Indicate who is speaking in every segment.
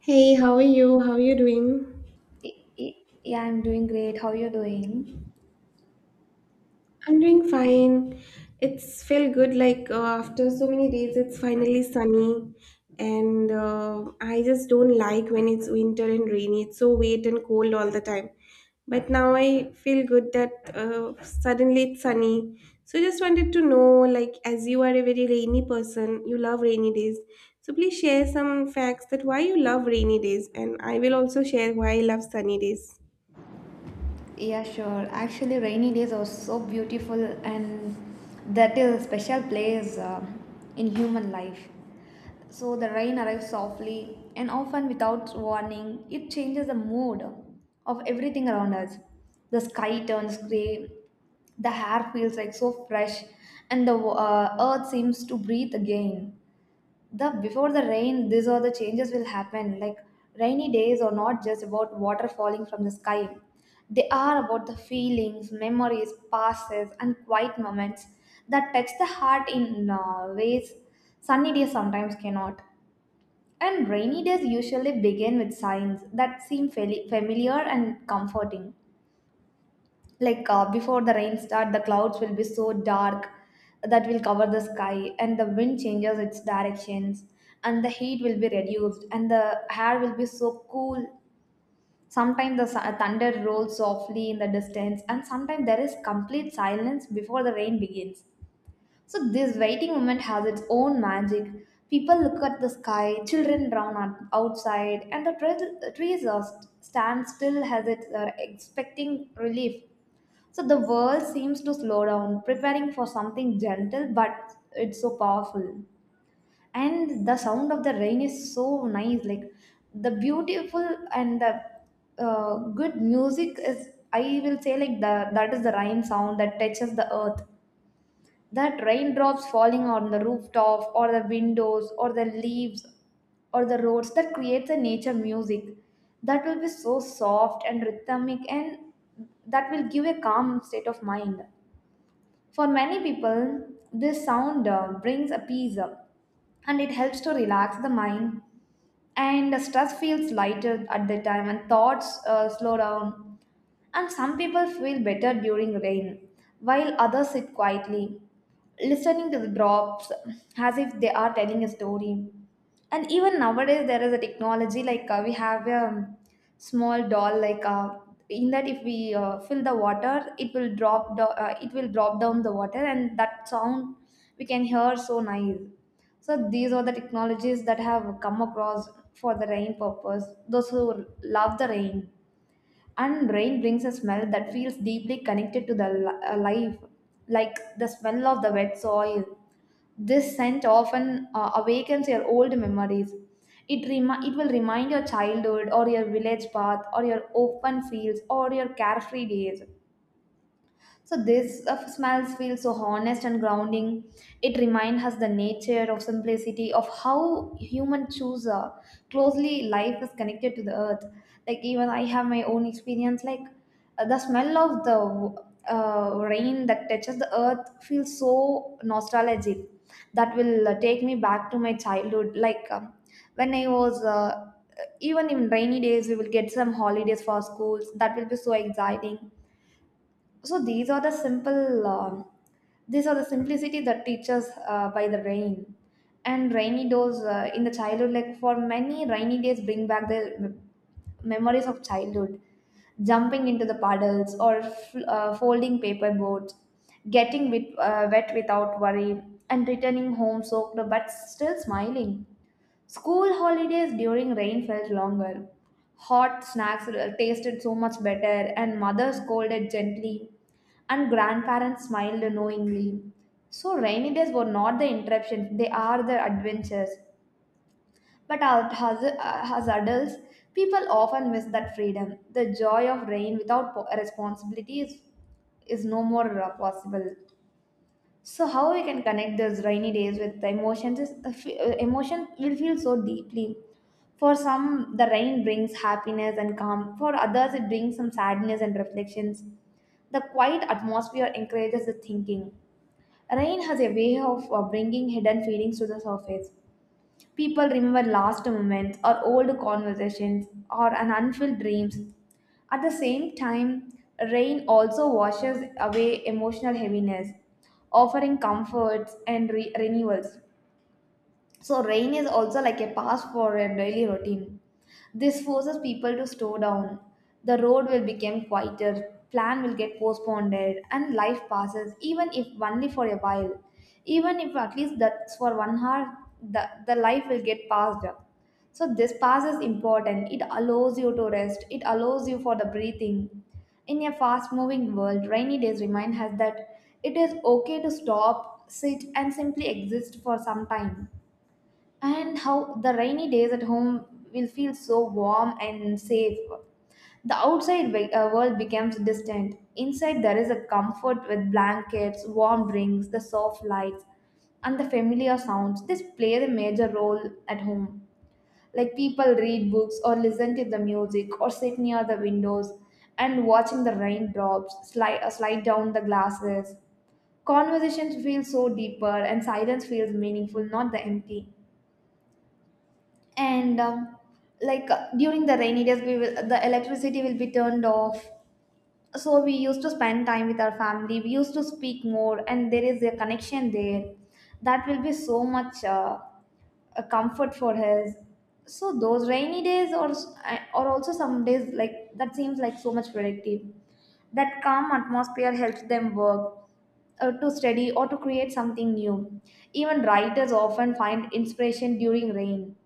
Speaker 1: Hey, how are you? How are you doing?
Speaker 2: Y- y- Yeah, I'm doing great. How you doing?
Speaker 1: I'm doing fine. It's felt good after so many days it's finally sunny and I just don't like when it's winter and rainy. It's so wet and cold all the time. But now I feel good that suddenly it's sunny. So just wanted to know like as you are a very rainy person, you love rainy days. So please share some facts that why you love rainy days and I will also share why I love sunny days.
Speaker 2: Yeah, sure. Actually, rainy days are so beautiful, and that is a special place in human life. So the rain arrives softly and often without warning. It changes the mood of everything around us. The sky turns gray. The hair feels like so fresh, and the earth seems to breathe again. The Before the rain these are the changes will happen, like rainy days are not just about water falling from the sky, they are about the feelings, memories, passes and quiet moments that touch the heart in ways sunny days sometimes cannot. And rainy days usually begin with signs that seem familiar and comforting, like before the rain start the clouds will be so dark that will cover the sky, and the wind changes its directions, and the heat will be reduced and the air will be so cool. Sometimes the thunder rolls softly in the distance, and sometimes there is complete silence before the rain begins. So this waiting moment has its own magic. People look at the sky, children run outside, and the trees are stand still as it are expecting relief. So the world seems to slow down, preparing for something gentle, but it's so powerful. And the sound of the rain is so nice, like the beautiful and the good music is. I will say, like the that is the rain sound that touches the earth. That raindrops falling on the rooftop or the windows or the leaves or the roads, that creates a nature music that will be so soft and rhythmic, and that will give a calm state of mind. For many people, this sound brings a peace, and it helps to relax the mind, and the stress feels lighter at that time, and thoughts slow down. And some people feel better during rain, while others sit quietly, listening to the drops as if they are telling a story. And even nowadays, there is a technology, like we have a small doll, like in that if we fill the water, it will it will drop down the water, and that sound we can hear so nice. So these are the technologies that have come across for the rain purpose. Those who love the rain, and rain brings a smell that feels deeply connected to the life, like the smell of the wet soil. This scent often awakens your old memories. It it will remind your childhood or your village path or your open fields or your carefree days. So this smells feel so honest and grounding. It reminds us the nature of simplicity, of how human choose closely life is connected to the earth. Like, even I have my own experience. Like, the smell of the rain that touches the earth feels so nostalgic. That will take me back to my childhood. Like, when I was. Even in rainy days we will get some holidays for schools, that will be so exciting. So these are the simple these are the simplicity that teaches by the rain. And rainy days in the childhood, like, for many, rainy days bring back the memories of childhood, jumping into the puddles or folding paper boats, getting wet, wet without worry, and returning home soaked but still smiling. School holidays during rain felt longer. Hot snacks tasted so much better, and mother scolded gently, and grandparents smiled knowingly. So, rainy days were not the interruptions, they are the adventures. But as adults, people often miss that freedom. The joy of rain without responsibility is no more possible. So how we can connect those rainy days with the emotions is emotion will feel so deeply. For some, the rain brings happiness and calm. For others, it brings some sadness and reflections. The quiet atmosphere encourages the thinking. Rain has a way of bringing hidden feelings to the surface. People remember last moments or old conversations or an unfulfilled dreams. At the same time, rain also washes away emotional heaviness, offering comforts and renewals. So, rain is also like a pass for a daily routine. This forces people to slow down. The road will become quieter, plan will get postponed, and life passes, even if only for a while. Even if at least that's for 1 hour, the life will get passed. So, this pass is important. It allows you to rest, it allows you for the breathing. In a fast moving world, rainy days remind us that it is okay to stop, sit, and simply exist for some time. And how the rainy days at home will feel so warm and safe. The outside world becomes distant. Inside, there is a comfort with blankets, warm drinks, the soft lights, and the familiar sounds. This plays a major role at home. Like, people read books or listen to the music or sit near the windows and watching the raindrops slide down the glasses. Conversations feel so deeper and silence feels meaningful, not the empty. And like during the rainy days we will the electricity will be turned off, so we used to spend time with our family, we used to speak more, and there is a connection there that will be so much a comfort for us. So those rainy days, or also some days like that, seems like so much productive. That calm atmosphere helps them work, to study or to create something new. Even writers often find inspiration during rain.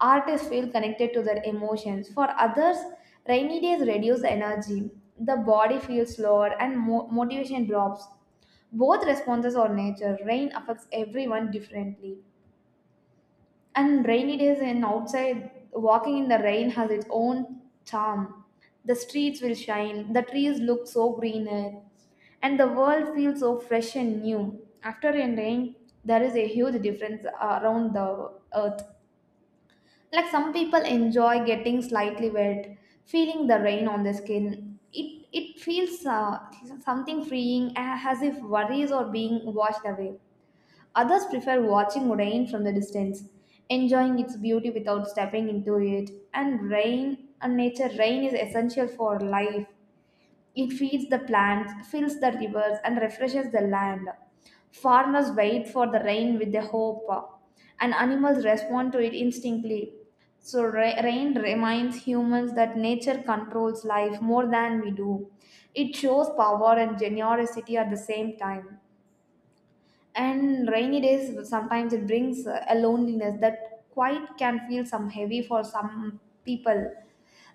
Speaker 2: Artists feel connected to their emotions. For others, rainy days reduce energy. The body feels slower and motivation drops. Both responses are nature. Rain affects everyone differently. And rainy days and outside, walking in the rain has its own charm. The streets will shine, the trees look so greener, and the world feels so fresh and new. After a rain, there is a huge difference around the earth. Like some people enjoy getting slightly wet, feeling the rain on their skin. It feels something freeing, as if worries are being washed away. Others prefer watching rain from the distance, enjoying its beauty without stepping into it. And rain and nature, rain is essential for life. It feeds the plants, fills the rivers, and refreshes the land. Farmers wait for the rain with the hope, and animals respond to it instinctively. So, rain reminds humans that nature controls life more than we do. It shows power and generosity at the same time. And rainy days sometimes it brings a loneliness that quite can feel some heavy for some people.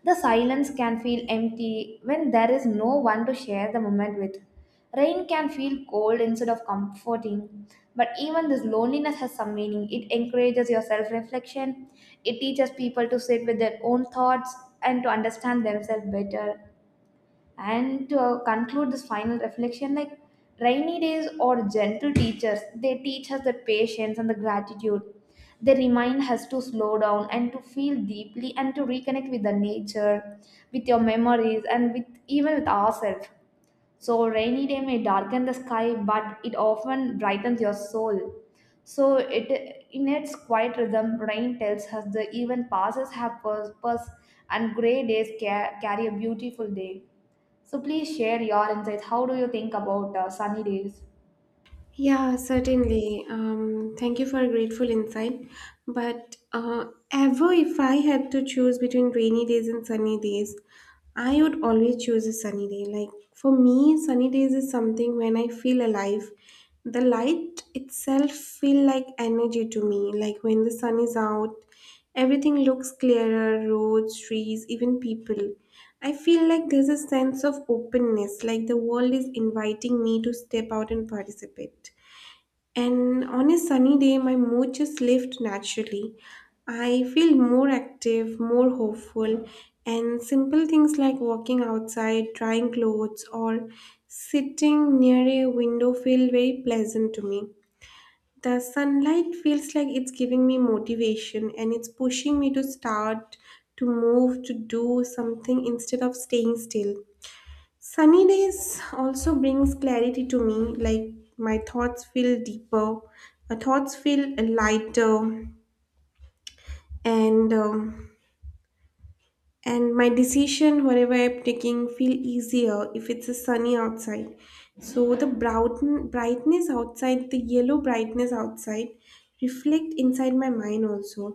Speaker 2: The silence can feel empty when there is no one to share the moment with. Rain can feel cold instead of comforting, but even this loneliness has some meaning. It encourages your self reflection, it teaches people to sit with their own thoughts and to understand themselves better. And to conclude this final reflection, like, rainy days or gentle teachers, they teach us the patience and the gratitude. They remind us to slow down and to feel deeply and to reconnect with the nature, with your memories, and with even with ourselves. So rainy day may darken the sky, but it often brightens your soul. So it in its quiet rhythm, rain tells us the even passes have purpose, and grey days carry a beautiful day. So please share your insights. How do you think about sunny days?
Speaker 1: Yeah, certainly. Thank you for a grateful insight. But Ever if I had to choose between rainy days and sunny days, I would always choose a sunny day. Like for me, sunny days is something when I feel alive. The light itself feel like energy to me. Like when the sun is out, everything looks clearer, roads, trees, even people. I feel like there's a sense of openness, like the world is inviting me to step out and participate. And on a sunny day, my mood just lifts naturally. I feel more active, more hopeful, and simple things like walking outside, drying clothes, or sitting near a window feel very pleasant to me. The sunlight feels like it's giving me motivation and it's pushing me to start, to move, to do something instead of staying still. Sunny days also brings clarity to me, like my thoughts feel deeper, my thoughts feel lighter, and um, and my decision wherever I'm taking feel easier if it's a sunny outside. So the brown brightness outside, the yellow brightness outside reflect inside my mind also.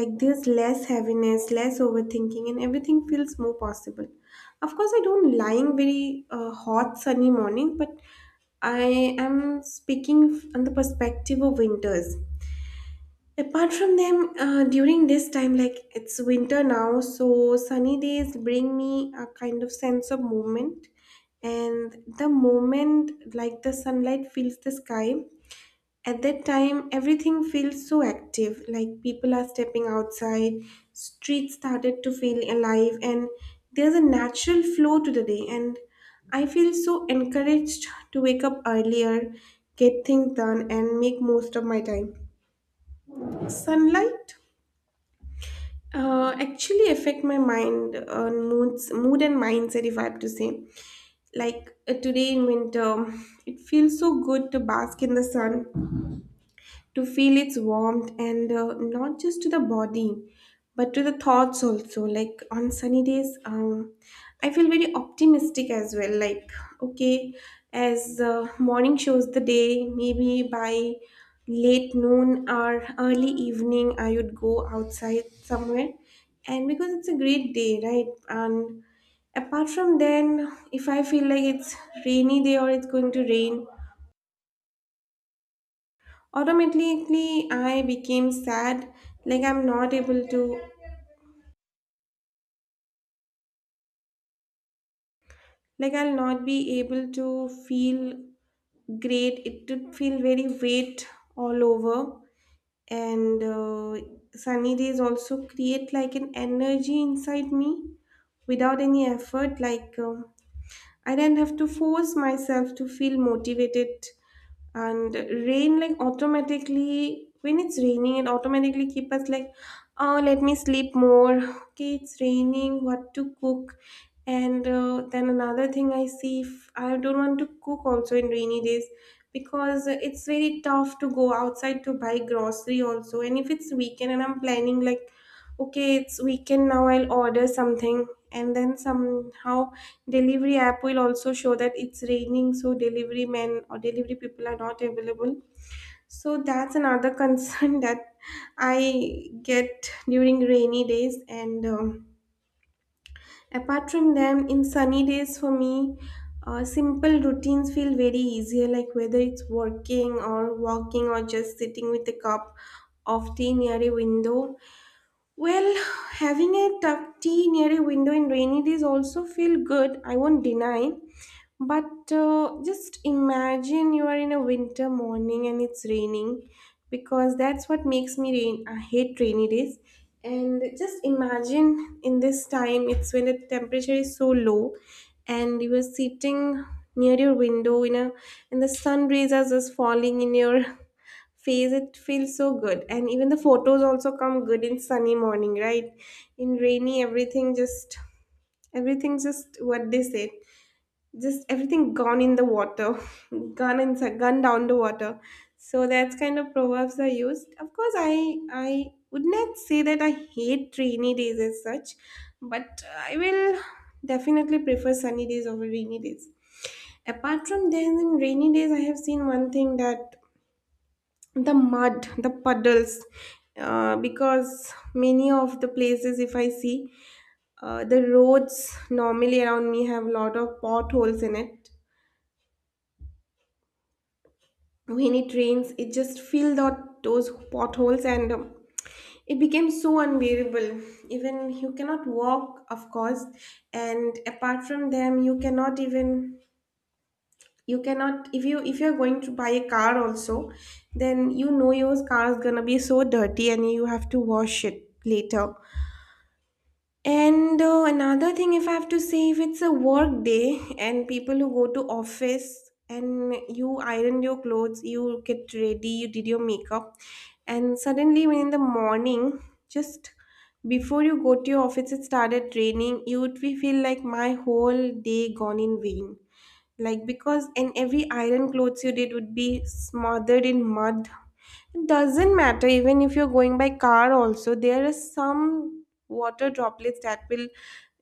Speaker 1: Like there's less heaviness, less overthinking, and everything feels more possible. Of course I don't lying very hot sunny morning, but I am speaking on the perspective of winters. Apart from them, during this time, like it's winter now, so sunny days bring me a kind of sense of movement. And the moment like the sunlight fills the sky, at that time everything feels so active. Like people are stepping outside, streets started to feel alive, and there's a natural flow to the day. And I feel so encouraged to wake up earlier, get things done, and make most of my time. Sunlight actually affect my mind, mood and mindset if I have to say. Today in winter, it feels so good to bask in the sun, to feel its warmth, and not just to the body but to the thoughts also. Like on sunny days, I feel very optimistic as well. Like okay, as morning shows the day, maybe by late noon or early evening I would go outside somewhere, and because it's a great day, right? And apart from then, if I feel like it's rainy day or it's going to rain, automatically I became sad. Like I'm not able to, I'll not be able to feel great. It did feel very weight all over. And sunny days also create like an energy inside me without any effort. I didn't have to force myself to feel motivated. And rain, like automatically when it's raining, it automatically keep us like, oh, let me sleep more. Okay, it's raining, what to cook? And then another thing I see, if I don't want to cook also in rainy days, because it's very tough to go outside to buy grocery also. And if it's weekend and I'm planning like, okay, it's weekend now, I'll order something, and then somehow delivery app will also show that it's raining, so delivery men or delivery people are not available. So that's another concern that I get during rainy days. And Apart from them, in sunny days for me, simple routines feel very easier, like whether it's working or walking or just sitting with a cup of tea near a window. Well, having a cup tea near a window in rainy days also feel good. I won't deny, but just imagine you are in a winter morning and it's raining, because that's what makes me rain. I hate rainy days. And just imagine in this time, it's when the temperature is so low and you are sitting near your window in a, and the sun rays are just falling in your face. It feels so good. And even the photos also come good in sunny morning, right? In rainy, everything just what they said, just everything gone in the water gone down the water. So that's kind of proverbs are used. Of course, I would not say that I hate rainy days as such, but I will definitely prefer sunny days over rainy days. Apart from then, in rainy days I have seen one thing: that the mud, the puddles, because many of the places, if I see, the roads normally around me have a lot of potholes in it. When it rains, it just filled out those potholes, and it became so unbearable. Even you cannot walk, of course. And apart from them, you cannot even, you cannot, if you if you're going to buy a car also, then you know your car is gonna be so dirty and you have to wash it later. And another thing, if I have to say, if it's a work day and people who go to office, and you iron your clothes, you get ready, you did your makeup, and suddenly when in the morning, just before you go to your office, it started raining. You would be feel like my whole day gone in vain, like because in every iron clothes you did would be smothered in mud. It doesn't matter, even if you're going by car also, there is some water droplets that will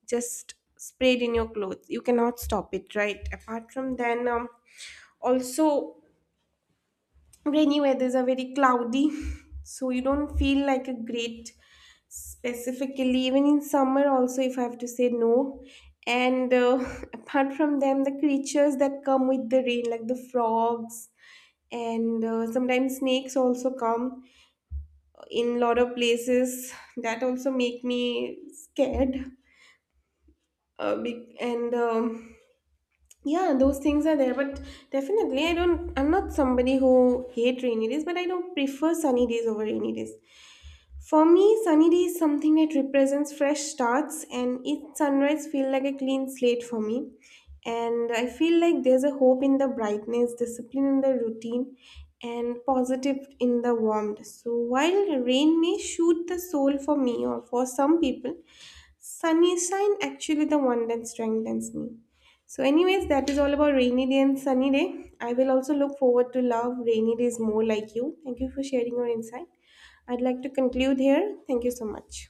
Speaker 1: just sprayed in your clothes. You cannot stop it, right? apart from then Also, rainy weathers are very cloudy so you don't feel like a great, specifically even in summer also if I have to say, no. And apart from them, the creatures that come with the rain, like the frogs, and sometimes snakes also come in lot of places, that also make me scared. And yeah, those things are there. But definitely, I'm not somebody who hate rainy days, but I don't prefer sunny days over rainy days. For me, sunny day is something that represents fresh starts, and each sunrise feel like a clean slate for me. And I feel like there's a hope in the brightness, discipline in the routine, and positive in the warmth. So while rain may shoot the soul for me or for some people, sunny shine actually the one that strengthens me. So anyways, that is all about rainy day and sunny day. I will also look forward to love rainy days more like you. Thank you for sharing your insight. I'd like to conclude here. Thank you so much.